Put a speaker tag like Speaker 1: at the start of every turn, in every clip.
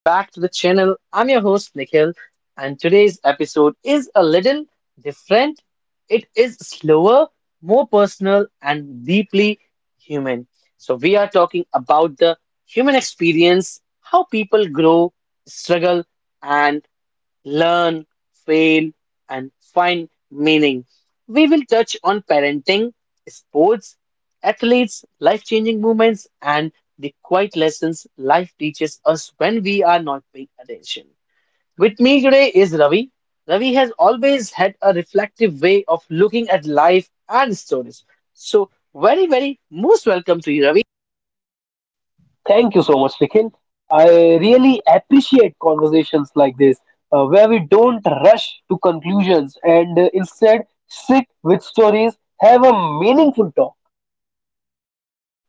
Speaker 1: Back to the channel. I'm your host Nikhil, and today's episode is a little different. It is slower, more personal, and deeply human. We are talking about the human experience, how people grow, struggle, and learn, fail, and find meaning. We will touch on parenting, sports, athletes, life changing moments, and the quiet lessons life teaches us when we are not paying attention. With me today is Ravi. Ravi has always had a reflective way of looking at life and stories. So, very, very most welcome to you, Ravi.
Speaker 2: Thank you so much, Nikhil. I really appreciate conversations like this, where we don't rush to conclusions and instead sit with stories, have a meaningful talk.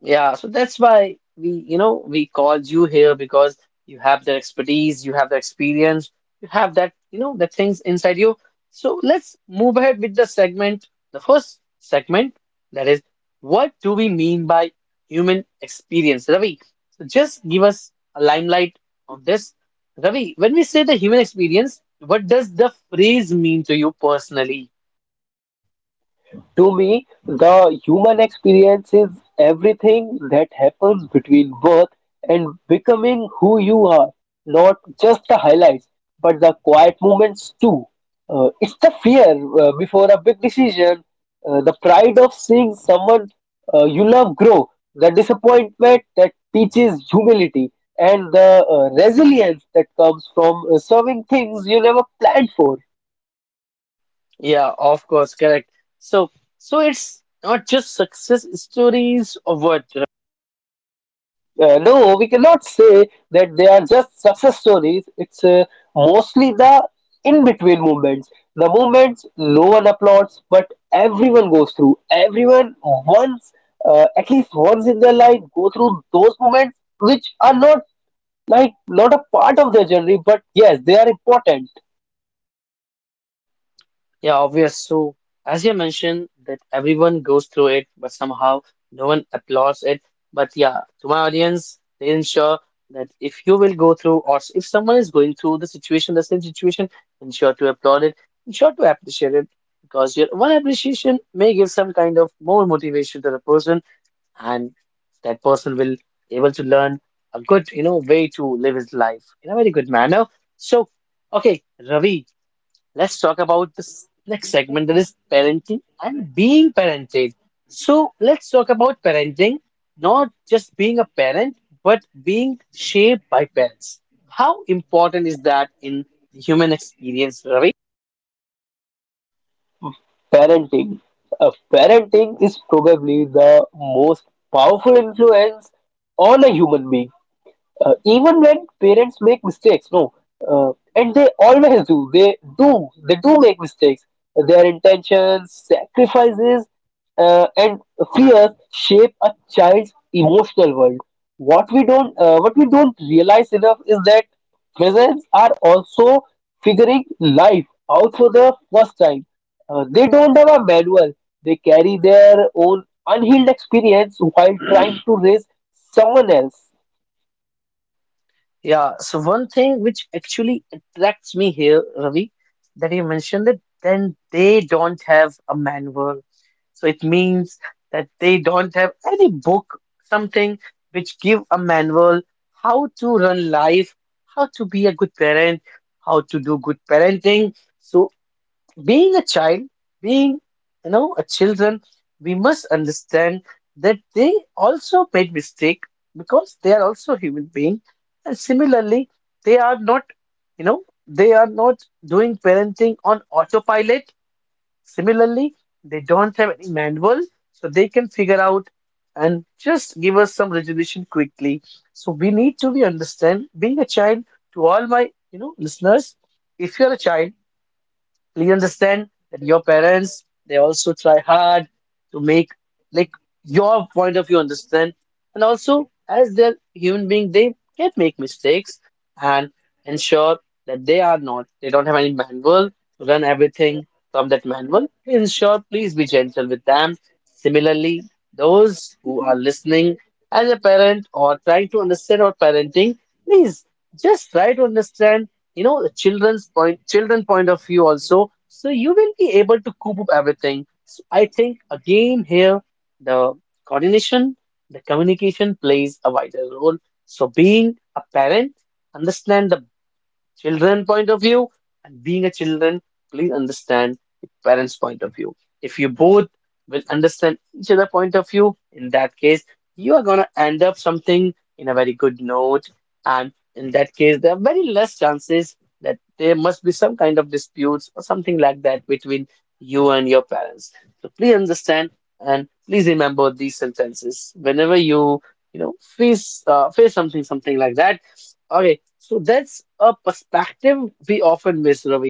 Speaker 1: Yeah, so that's why we called you here because you have the expertise, you have the experience, you have that, you know, the things inside you. So let's move ahead with the segment, the first segment, that is, what do we mean by human experience, Ravi? So just give us a limelight on this. Ravi, when we say the human experience, what does the phrase mean to you personally?
Speaker 2: To me, the human experience is everything that happens between birth and becoming who you are, not just the highlights, but the quiet moments too. It's the fear before a big decision, the pride of seeing someone you love grow, the disappointment that teaches humility, and the resilience that comes from serving things you never planned for.
Speaker 1: Yeah, of course, correct. So, so it's not just success stories or what? You.
Speaker 2: No, we cannot say that they are just success stories. It's mostly the in between moments. The moments no one applauds, but everyone goes through. Everyone once, at least once in their life, go through those moments which are not like not a part of their journey, but yes, they are important.
Speaker 1: Yeah, obvious. So, as you mentioned, that everyone goes through it, but somehow no one applauds it. But yeah, to my audience, they ensure that if you will go through, or if someone is going through the situation, the same situation, ensure to applaud it, ensure to appreciate it, because your one appreciation may give some kind of more motivation to the person, and that person will able to learn a good you know way to live his life in a very good manner. So okay Ravi, let's talk about this next segment that is parenting and being parented. So let's talk about parenting, not just being a parent, but being shaped by parents. How important is that in the human experience, Ravi?
Speaker 2: Parenting. Parenting is probably the most powerful influence on a human being, even when parents make mistakes, no, uh, and they always do. They do make mistakes. Their intentions, sacrifices, and fears shape a child's emotional world. What we don't realize enough is that presents are also figuring life out for the first time. They don't have a manual. They carry their own unhealed experience while trying to raise someone else.
Speaker 1: Yeah, so one thing which actually attracts me here, Ravi, that you mentioned that then they don't have a manual. So it means that they don't have any book, something which give a manual how to run life, how to be a good parent, how to do good parenting. So being a child, being you know a children, we must understand that they also made mistake because they are also human being, and similarly, they are not, you know, they are not doing parenting on autopilot. Similarly, they don't have any manual, so they can figure out and just give us some resolution quickly. So we need to be understand being a child to all my you know listeners. If you are a child, please understand that your parents they also try hard to make like your point of view understand, and also as they're human being they can make mistakes, and ensure that they are not they don't have any manual to run everything from that manual, ensure please be gentle with them. Similarly, those who are listening as a parent or trying to understand our parenting, please just try to understand you know the children point of view also, so you will be able to coop up everything. So I think again here the coordination, the communication plays a vital role. So being a parent, understand the children point of view, and being a children, please understand the parents point of view. If you both will understand each other point of view, in that case you are going to end up something in a very good note, and in that case there are very less chances that there must be some kind of disputes or something like that between you and your parents. So please understand and please remember these sentences whenever you you know face face something something like that. Okay, so that's a perspective we often miss, Ravi.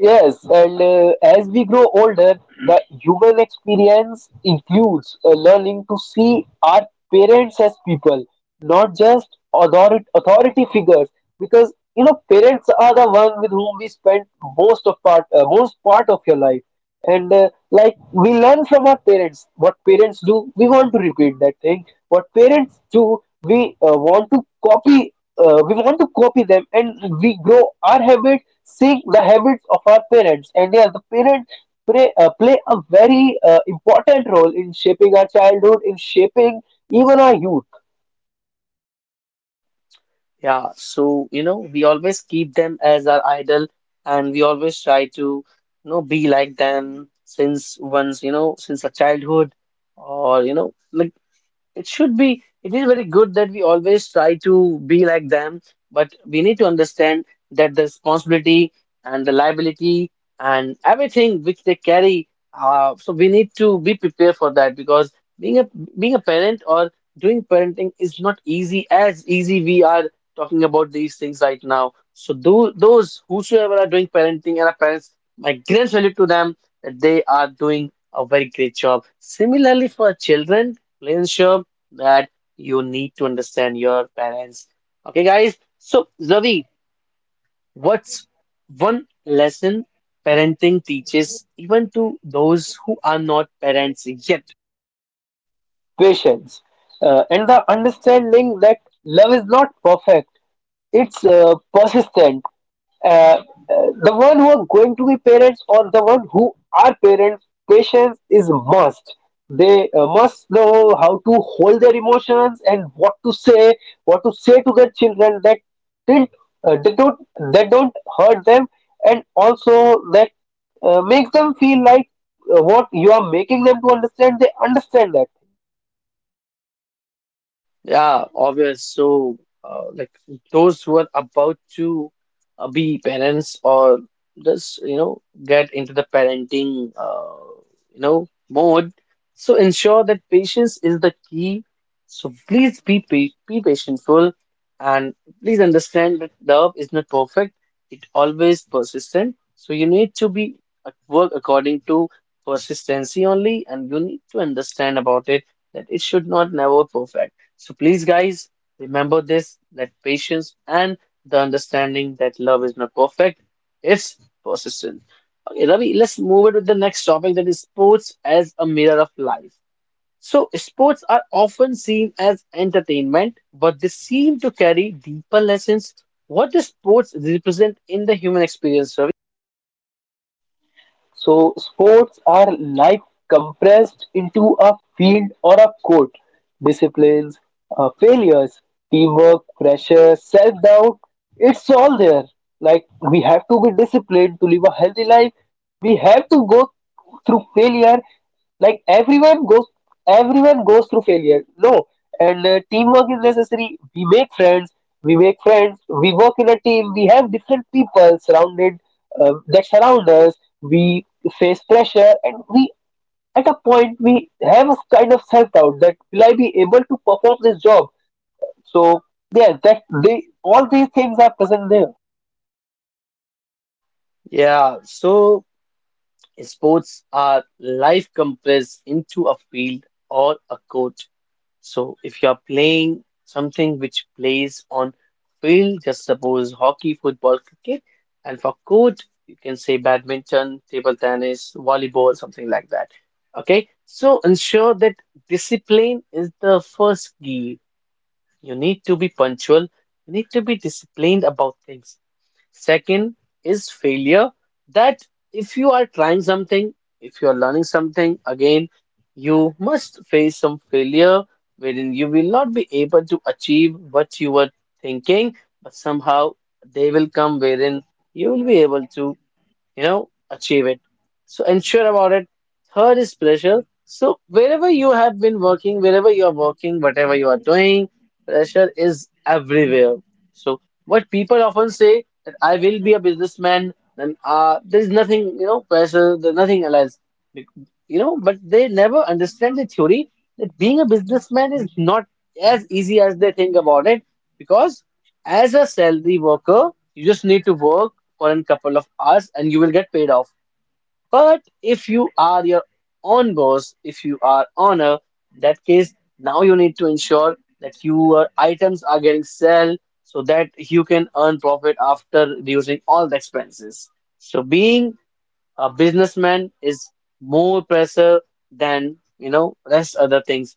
Speaker 2: Yes, and as we grow older, the human experience includes learning to see our parents as people, not just authority figures. Because you know, parents are the one with whom we spend most part of your life. And like we learn from our parents, what parents do, we want to repeat that thing. What parents do, we want to copy. We want to copy them, and we grow our habits seeing the habits of our parents. And yes, the parents play a very important role in shaping our childhood, in shaping even our youth.
Speaker 1: Yeah, so you know, we always keep them as our idol and we always try to, you know, be like them since once, you know, since our childhood or you know, like it should be, it is very good that we always try to be like them, but we need to understand that the responsibility and the liability and everything which they carry, so we need to be prepared for that because being a being a parent or doing parenting is not easy as easy we are talking about these things right now. So do those whosoever are doing parenting and are parents, my grand salute to them that they are doing a very great job. Similarly for children, please ensure that you need to understand your parents. Okay, guys. So, Zavi, what's one lesson parenting teaches even to those who are not parents yet?
Speaker 2: Patience, and the understanding that love is not perfect. It's persistent. uh, uh, the one who are going to be parents or the one who are parents, patience is must. They must know how to hold their emotions and what to say, what to say to their children didn't uh, they don't that don't hurt them, and also that makes them feel like what you are making them to understand, they understand that.
Speaker 1: Yeah, obvious. So, like those who are about to be parents or just, you know, get into the parenting, you know, mode. So ensure that patience is the key. So please be patientful and please understand that love is not perfect. It always persistent. So you need to be at work according to persistency only, and you need to understand about it that it should not never perfect. So please, guys, remember this that patience and the understanding that love is not perfect, it's persistent. Okay, Ravi, let's move it with the next topic that is sports as a mirror of life. So, sports are often seen as entertainment, but they seem to carry deeper lessons. What do sports represent in the human experience, Ravi?
Speaker 2: So sports are life compressed into a field or a court. Disciplines, failures, teamwork, pressure, self-doubt, it's all there. Like we have to be disciplined to live a healthy life. We have to go through failure, like everyone goes through failure, no, and teamwork is necessary. We make friends. We work in a team. We have different people surrounded, that surround us. We face pressure, and we, at a point, we have a kind of self-doubt, that will I be able to perform this job? So yeah, that they, all these things are present there,
Speaker 1: Yeah, so sports are life compressed into a field or a court. So if you are playing something which plays on field, just suppose hockey, football, cricket, and for court, you can say badminton, table tennis, volleyball, something like that. Okay, so ensure that discipline is the first key. You need to be punctual, you need to be disciplined about things. Second is failure that if you are trying something, if you are learning something, again, you must face some failure wherein you will not be able to achieve what you were thinking, but somehow they will come wherein you will be able to you know, achieve it. So ensure about it. Third is pressure. So wherever you have been working, wherever you are working, whatever you are doing, pressure is everywhere. So what people often say that I will be a businessman, then there is nothing, you know, pressure, there's nothing else, Bec- you know. But they never understand the theory that being a businessman is not as easy as they think about it, because as a salary worker, you just need to work for a couple of hours and you will get paid off. But if you are your own boss, if you are owner, that case now you need to ensure that your items are getting sell so that you can earn profit after reducing all the expenses. So being a businessman is more pressure than you know rest other things.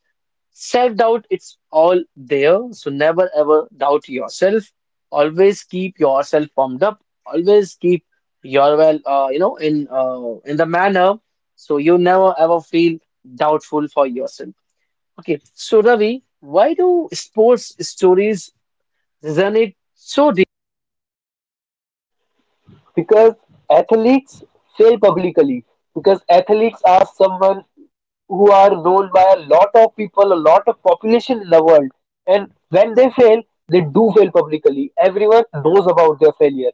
Speaker 1: Self-doubt, it's all there. So never ever doubt yourself. Always keep yourself pumped up. Always keep your well, you know, in the manner so you never ever feel doubtful for yourself. Okay, so Ravi, why do sports stories resonate so deeply?
Speaker 2: because athletes fail publicly. Because athletes are someone who are known by a lot of people, a lot of population in the world. And when they fail, they do fail publicly. Everyone knows about their failure.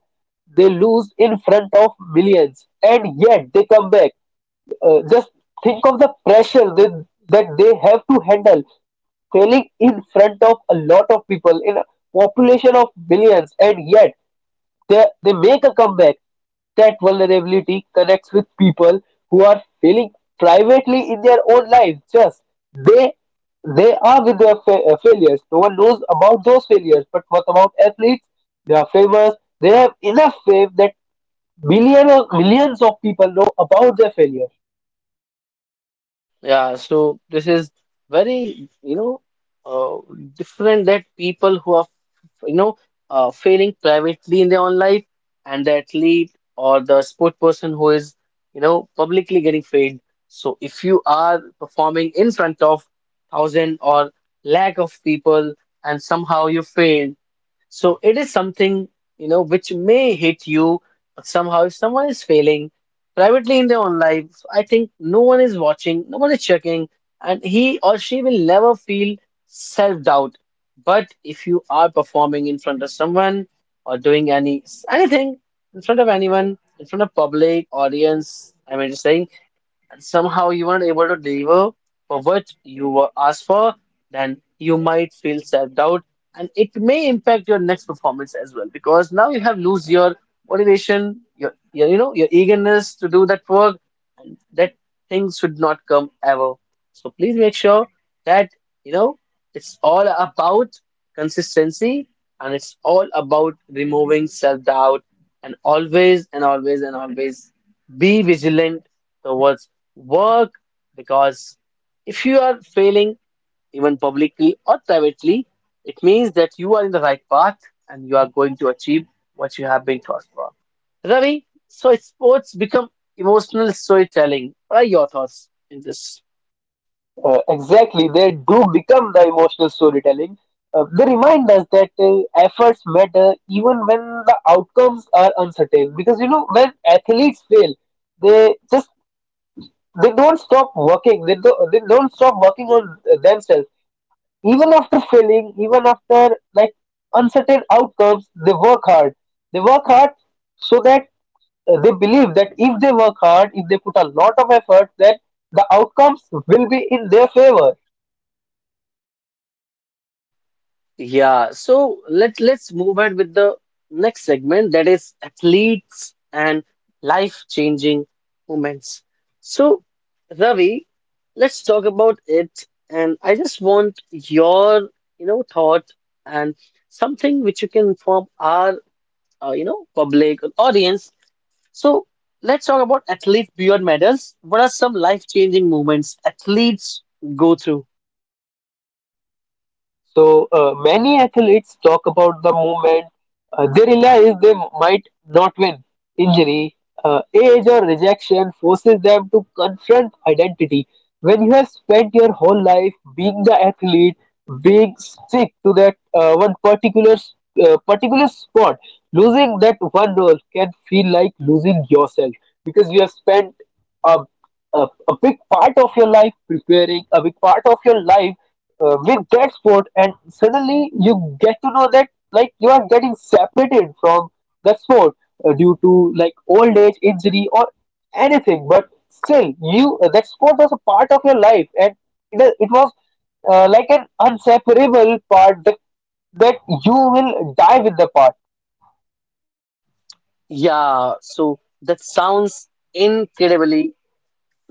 Speaker 2: They lose in front of millions and yet they come back. Just think of the pressure that they have to handle, failing in front of a lot of people in a population of billions, and yet they make a comeback. That vulnerability connects with people who are feeling privately in their own lives. Just they they are with their failures. No one knows about those failures. But what about athletes? They are famous. They have enough fame that millions of people know about their failures.
Speaker 1: Yeah, so this is very, you know, uh, different that people who are, you know, failing privately in their own life and the athlete or the sport person who is, you know, publicly getting failed. So if you are performing in front of thousand or lakh of people and somehow you fail, so it is something, you know, which may hit you somehow if someone is failing privately in their own life. I think no one is watching, no one is checking, and he or she will never feel self-doubt. But if you are performing in front of someone or doing anything in front of anyone, in front of public audience, I mean, just saying and somehow you aren't able to deliver for what you were asked for, then you might feel self-doubt and it may impact your next performance as well because now you have lose your motivation, your you know your eagerness to do that work and that thing should not come ever. So please make sure that you know it's all about consistency and it's all about removing self-doubt and always and always and always be vigilant towards work because if you are failing even publicly or privately, it means that you are in the right path and you are going to achieve what you have been taught for. Ravi, so sports become emotional storytelling. What are your thoughts in this?
Speaker 2: Exactly, they do become the emotional storytelling. They remind us that efforts matter even when the outcomes are uncertain. Because you know, when athletes fail, they just they don't stop working. They don't stop working on themselves. Even after failing, even after like uncertain outcomes, they work hard. They work hard so that they believe that if they work hard, if they put a lot of effort, then the outcomes will be in their favor.
Speaker 1: Yeah, so let's move ahead with the next segment that is athletes and life-changing moments. So, Ravi, let's talk about it, and I just want your, you know, thought and something which you can inform our, you know, public or audience. So, let's talk about athletes beyond medals. What are some life-changing moments athletes go through?
Speaker 2: So many athletes talk about the movement. They realize they might not win. Injury, age, or rejection forces them to confront identity. When you have spent your whole life being the athlete, being stick to that one particular sport, losing that one role can feel like losing yourself because you have spent a, a, a big part of your life preparing, a big part of your life with that sport, and suddenly you get to know that like you are getting separated from the sport due to like old age, injury, or anything, but still you, that sport was a part of your life, and it was like an inseparable part, that you will die with the part.
Speaker 1: Yeah, so that sounds incredibly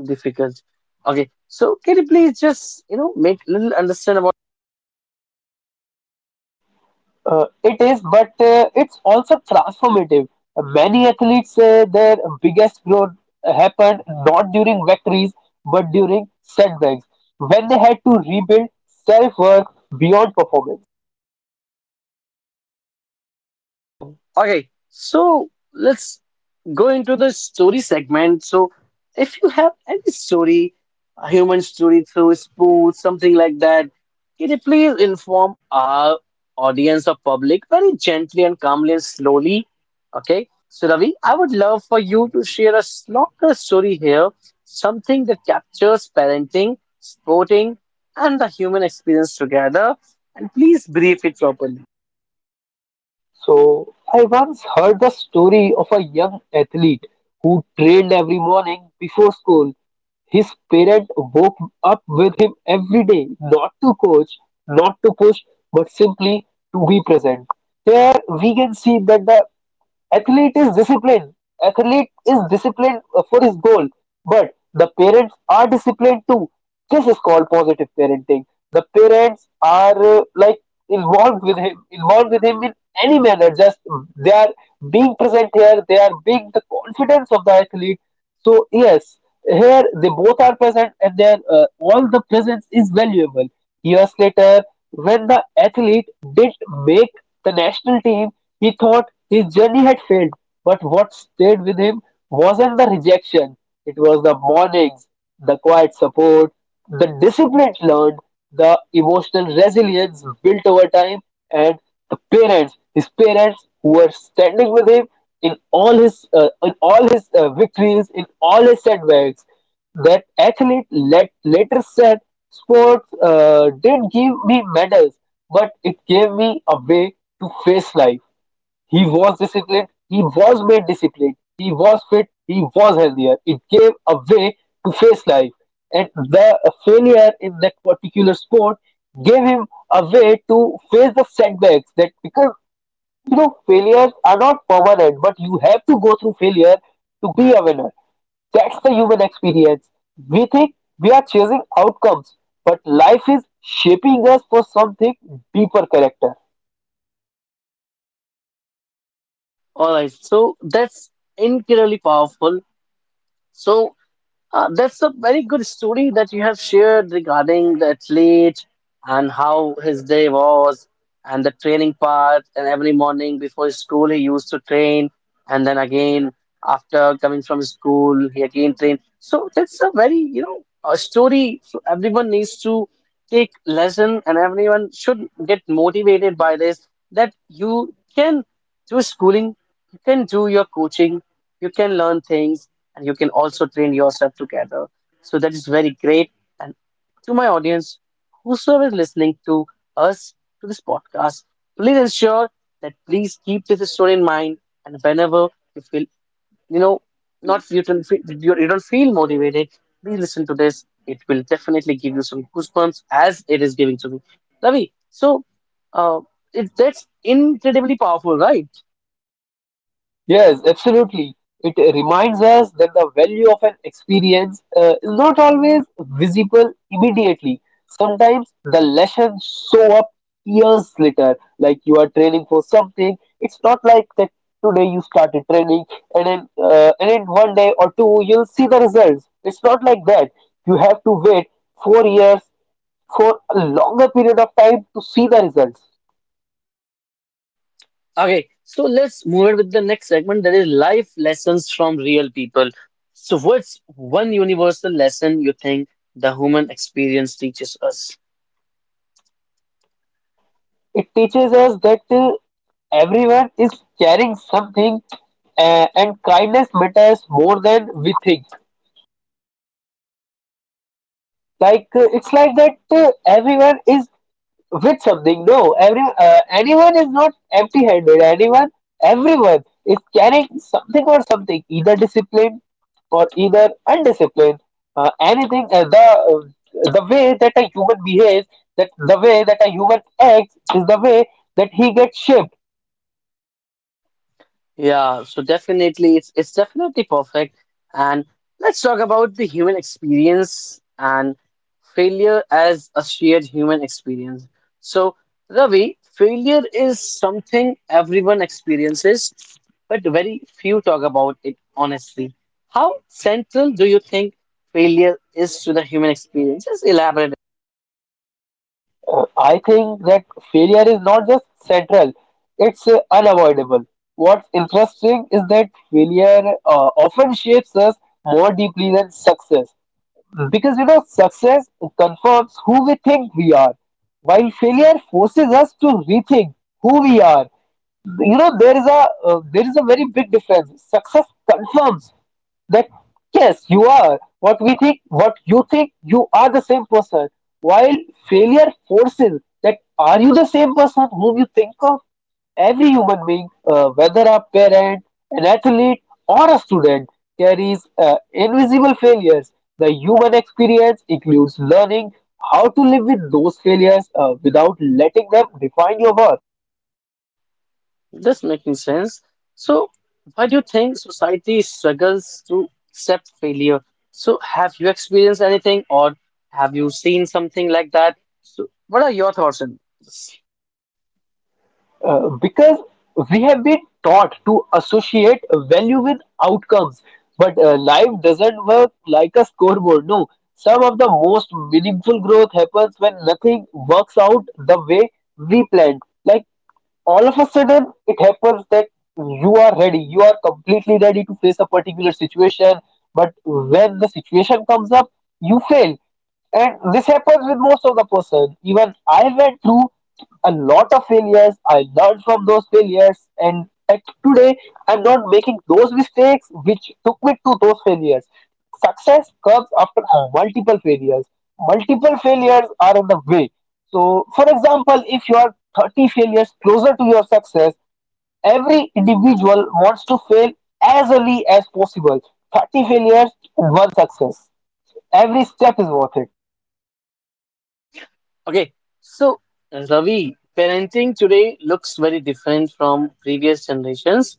Speaker 1: difficult. Okay, so can you please just you know make little understand about
Speaker 2: It is, but it's also transformative. Many athletes say their biggest growth happened not during victories but during setbacks, when they had to rebuild self worth beyond performance.
Speaker 1: wow. Okay, so let's go into the story segment. So, if you have any story, a human story through sports, something like that, can you please inform our audience or public very gently and calmly and slowly? Okay. So, Ravi, I would love for you to share a longer story here, something that captures parenting, sporting, and the human experience together. And please brief it properly.
Speaker 2: So, I once heard the story of a young athlete who trained every morning before school. His parent woke up with him every day, not to coach, not to push, but simply to be present. Here we can see that the athlete is disciplined athlete is disciplined for his goal, but the parents are disciplined too. This is called positive parenting. The parents are like involved with him in any manner. Just they are being present here. They are being the confidence of the athlete. So yes, here they both are present, and their, all the presence is valuable. Years later, when the athlete didn't make the national team, he thought his journey had failed. But what stayed with him wasn't the rejection; it was the mornings, the quiet support, the discipline learned, the emotional resilience built over time, and the parents, his parents, who were standing with him in all his, victories, in all his setbacks. That athlete, later said, "Sports did give me medals, but it gave me a way to face life. He was disciplined. He was made disciplined. He was fit. He was healthier. It gave a way to face life, and the failure in that particular sport gave him a way to face the setbacks. That, because you know, failures are not permanent, but you have to go through failure to be a winner. That's the human experience. We think we are chasing outcomes, but life is shaping us for something deeper, character."
Speaker 1: All right. So, that's incredibly powerful. So, that's a very good story that you have shared regarding the athlete and how his day was and the training part. And every morning before school, he used to train. And then again, after coming from school, he again trained. So that's a very, you know, a story. So everyone needs to take lesson and everyone should get motivated by this that you can do schooling, you can do your coaching, you can learn things and you can also train yourself together. So that is very great. And to my audience, whosoever is listening to us to this podcast, please ensure that please keep this story in mind. And whenever you feel, you know, not you don't feel, you don't feel motivated, please listen to this. It will definitely give you some goosebumps as it is giving to me. Ravi, so uh, that's incredibly powerful, right?
Speaker 2: Yes, absolutely. It reminds us that the value of an experience is not always visible immediately. Sometimes the lessons show up years later, like you are training for something. It's not like that today you started training and then and in one day or two you'll see the results. It's not like that. You have to wait 4 years for a longer period of time to see the results.
Speaker 1: Okay, so let's move it with the next segment that is life lessons from real people. So, what's one universal lesson you think the human experience teaches us?
Speaker 2: It teaches us that, everyone is carrying something, and kindness matters more than we think. Like it's like that everyone is with something. No, every anyone is not empty-handed. Anyone, everyone is carrying something or something, either discipline or either undisciplined. Anything, the way that a human behaves, that the way that a human acts is the way that he gets shaped.
Speaker 1: Yeah, so definitely it's definitely perfect. And let's talk about the human experience and failure as a shared human experience. So, Ravi, failure is something everyone experiences, but very few talk about it honestly. How central do you think failure is to the human experience? Just elaborate.
Speaker 2: I think that failure is not just central, it's unavoidable. What's interesting is that failure often shapes us more deeply than success. Because you know, success confirms who we think we are, while failure forces us to rethink who we are. You know, there is a very big difference. Success confirms that yes, you are what we think, what you think you are, the same person, while failure forces that, are you the same person whom you think of? Every human being, whether a parent, an athlete, or a student, carries invisible failures. The human experience includes learning how to live with those failures without letting them define your worth.
Speaker 1: This making sense. So, why do you think society struggles to accept failure? So, have you experienced anything or have you seen something like that? So, what are your thoughts on this?
Speaker 2: Because we have been taught to associate value with outcomes, but life doesn't work like a scoreboard. No, some of the most meaningful growth happens when nothing works out the way we planned. Like all of a sudden it happens that you are completely ready to face a particular situation, but when the situation comes up, you fail. And this happens with most of the person. Even I went through a lot of failures. I learned from those failures, and at today I'm not making those mistakes which took me to those failures. Success comes after multiple failures. Multiple failures are in the way. So, for example, if you are 30 failures closer to your success, every individual wants to fail as early as possible. 30 failures, one success. Every step is worth it.
Speaker 1: Okay, so Ravi, parenting today looks very different from previous generations.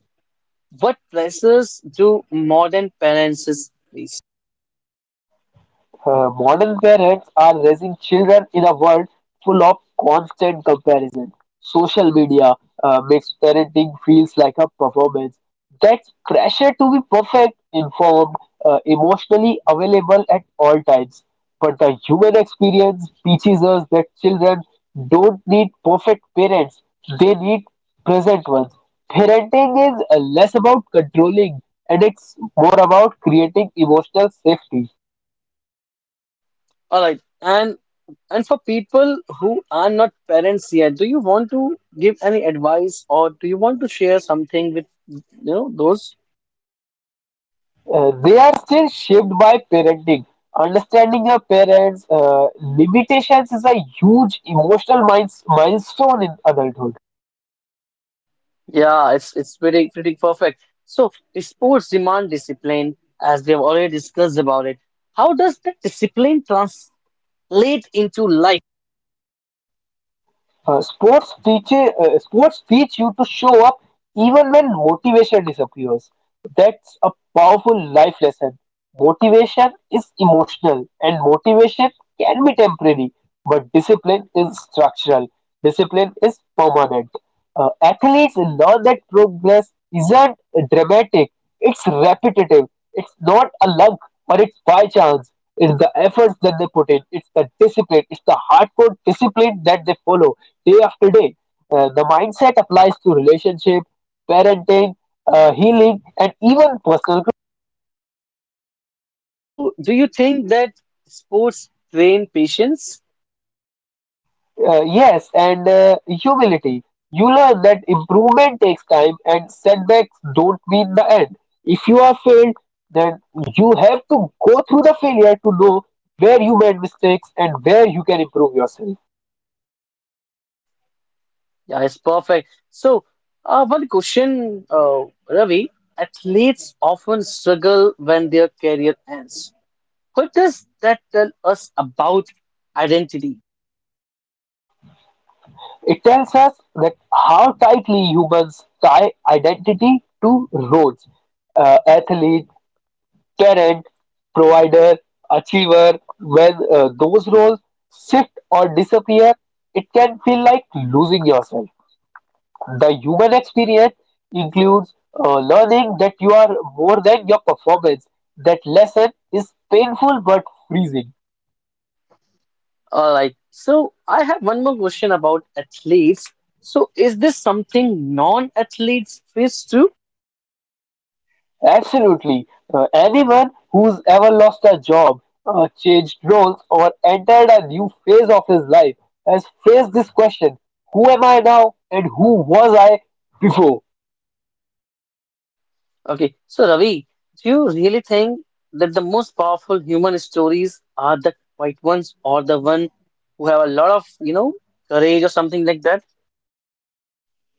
Speaker 1: What pressures do modern parents face?
Speaker 2: Modern parents are raising children in a world full of constant comparison. Social media makes parenting feels like a performance. That's pressure to be perfect, informed, emotionally available at all times. But the human experience teaches us that children don't need perfect parents; they need present ones. Parenting is less about controlling, and it's more about creating emotional safety.
Speaker 1: All right, and for people who are not parents yet, do you want to give any advice or do you want to share something with you know those?
Speaker 2: They are still shaped by parenting. Understanding your parents' limitations is a huge emotional milestone in adulthood.
Speaker 1: Yeah, it's pretty pretty perfect. So sports demand discipline, as we have already discussed about it. How does that discipline translate into life?
Speaker 2: Sports teach you to show up even when motivation disappears. That's a powerful life lesson. Motivation is emotional, and motivation can be temporary, but discipline is structural. Discipline is permanent. Athletes learn that progress isn't dramatic; it's repetitive. It's not a luck or it's by chance. It's the efforts that they put in. It's the discipline. It's the hardcore discipline that they follow day after day. The mindset applies to relationship, parenting, healing, and even personal.
Speaker 1: So do you think that sports train patience?
Speaker 2: Yes, and humility. You learn that improvement takes time, and setbacks don't mean the end. If you are failed, then you have to go through the failure to know where you made mistakes and where you can improve yourself.
Speaker 1: Yeah, it's perfect. So one question, Ravi, athletes often struggle when their career ends. What does that tell us about identity?
Speaker 2: It tells us that how tightly humans tie identity to roles, athlete, parent, provider, achiever. When those roles shift or disappear, it can feel like losing yourself. The human experience includes learning that you are more than your performance. That lesson is painful but freezing.
Speaker 1: All right. So I have one more question about athletes. So is this something non-athletes face too?
Speaker 2: Absolutely. Anyone who's ever lost a job, changed roles, or entered a new phase of his life has faced this question: who am I now, and who was I before?
Speaker 1: Okay. So Ravi, do you really think that the most powerful human stories are the quiet ones or the one who have a lot of, you know, courage or something like that?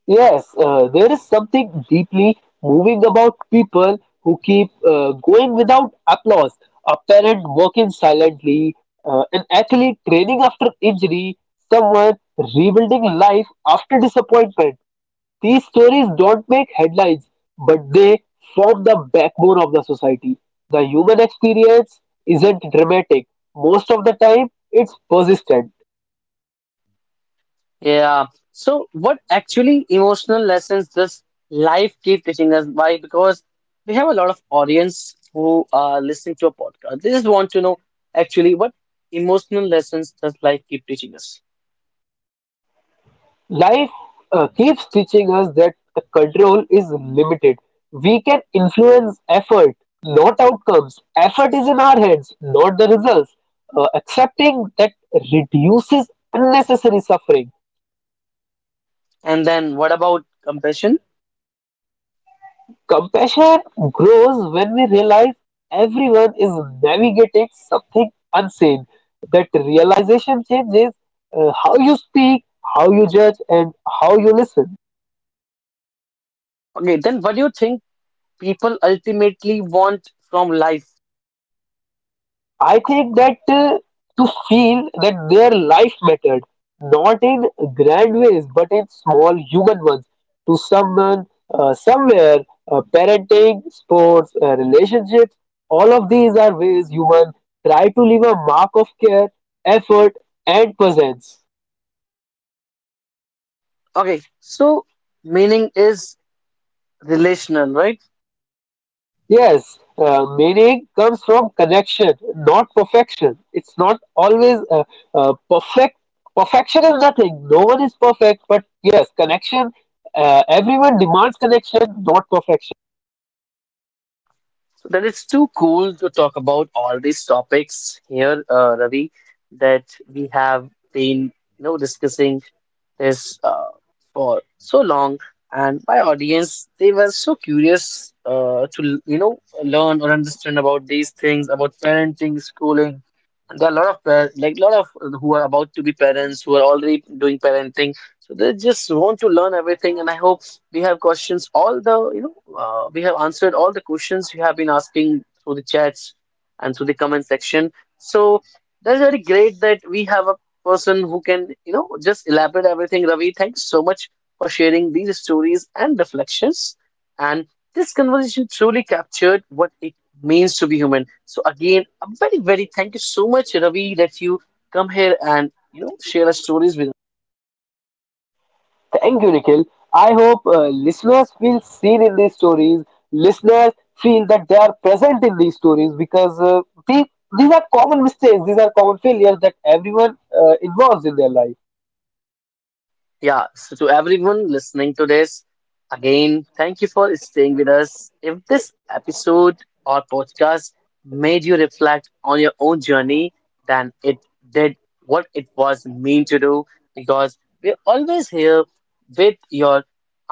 Speaker 2: Yes, there is something deeply moving about people who keep going without applause. A parent working silently, an athlete training after injury, someone rebuilding life after disappointment. These stories don't make headlines, but they form the backbone of the society. The human experience isn't dramatic. Most of the time, it's persistent.
Speaker 1: Yeah. So, what actually emotional lessons does life keep teaching us? Why? Because we have a lot of audience who are listening to a podcast. They just want to know actually what emotional lessons does life keep teaching us?
Speaker 2: Life keeps teaching us that the control is limited. We can influence effort, not outcomes. Effort is in our hands, not the results. Accepting that reduces unnecessary suffering.
Speaker 1: And then what about compassion?
Speaker 2: Compassion grows when we realize everyone is navigating something unseen. That realization changes how you speak, how you judge, and how you listen.
Speaker 1: Okay, then what do you think people ultimately want from life?
Speaker 2: I think that to feel that their life mattered, not in grand ways, but in small human ones, to someone, somewhere, parenting, sports, relationships, all of these are ways human try to leave a mark of care, effort, and presence.
Speaker 1: Okay, so meaning is relational, right?
Speaker 2: Yes, meaning comes from connection, not perfection. It's not always perfect. Perfection is nothing. No one is perfect, but yes, connection. Everyone demands connection, not perfection.
Speaker 1: So that it's too cool to talk about all these topics here, Ravi, that we have been, you know, discussing this for so long. And my audience, they were so curious to, you know, learn or understand about these things, about parenting, schooling. There are a lot of par like lot of who are about to be parents who are already doing parenting. So they just want to learn everything, and I hope we have questions all the you know we have answered all the questions you have been asking through the chats and through the comment section, so that's very great that we have a person who can you know just elaborate everything. Ravi, thanks so much for sharing these stories and reflections, and this conversation truly captured what it means to be human. So again, a very very thank you so much, Ravi, that you come here and you know share our stories with.
Speaker 2: Thank you, Nikhil. I hope listeners feel seen in these stories. Listeners feel that they are present in these stories because the- these are common mistakes, these are common failures that everyone involves in their life.
Speaker 1: Yeah, so to everyone listening to this, again, thank you for staying with us. If this episode or podcast made you reflect on your own journey, then it did what it was meant to do, because we're always here with your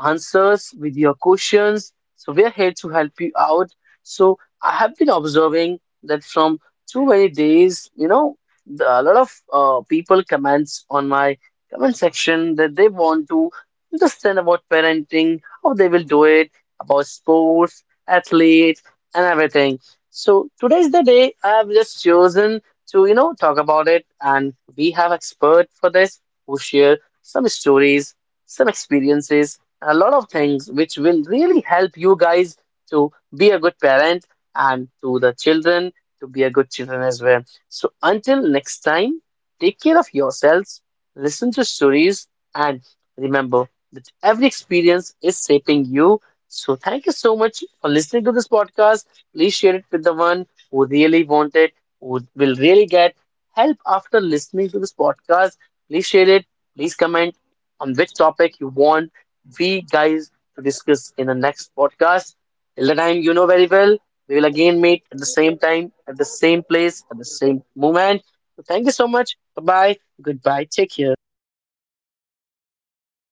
Speaker 1: answers, with your questions. So we're here to help you out. So I have been observing that from too many days, you know, the- a lot of people comments on my comment section that they want to understand about parenting, how they will do it, about sports, athletes, and everything. So today's the day I have just chosen to, you know, talk about it. And we have expert for this who share some stories, some experiences, and a lot of things which will really help you guys to be a good parent and to the children to be a good children as well. So until next time, take care of yourselves. Listen to stories and remember that every experience is shaping you. So thank you so much for listening to this podcast. Please share it with the one who really want it, who will really get help after listening to this podcast. Please share it. Please comment on which topic you want we guys to discuss in the next podcast. Till the time, you know very well. We will again meet at the same time, at the same place, at the same moment. So thank you so much. Bye bye. Goodbye. Take care.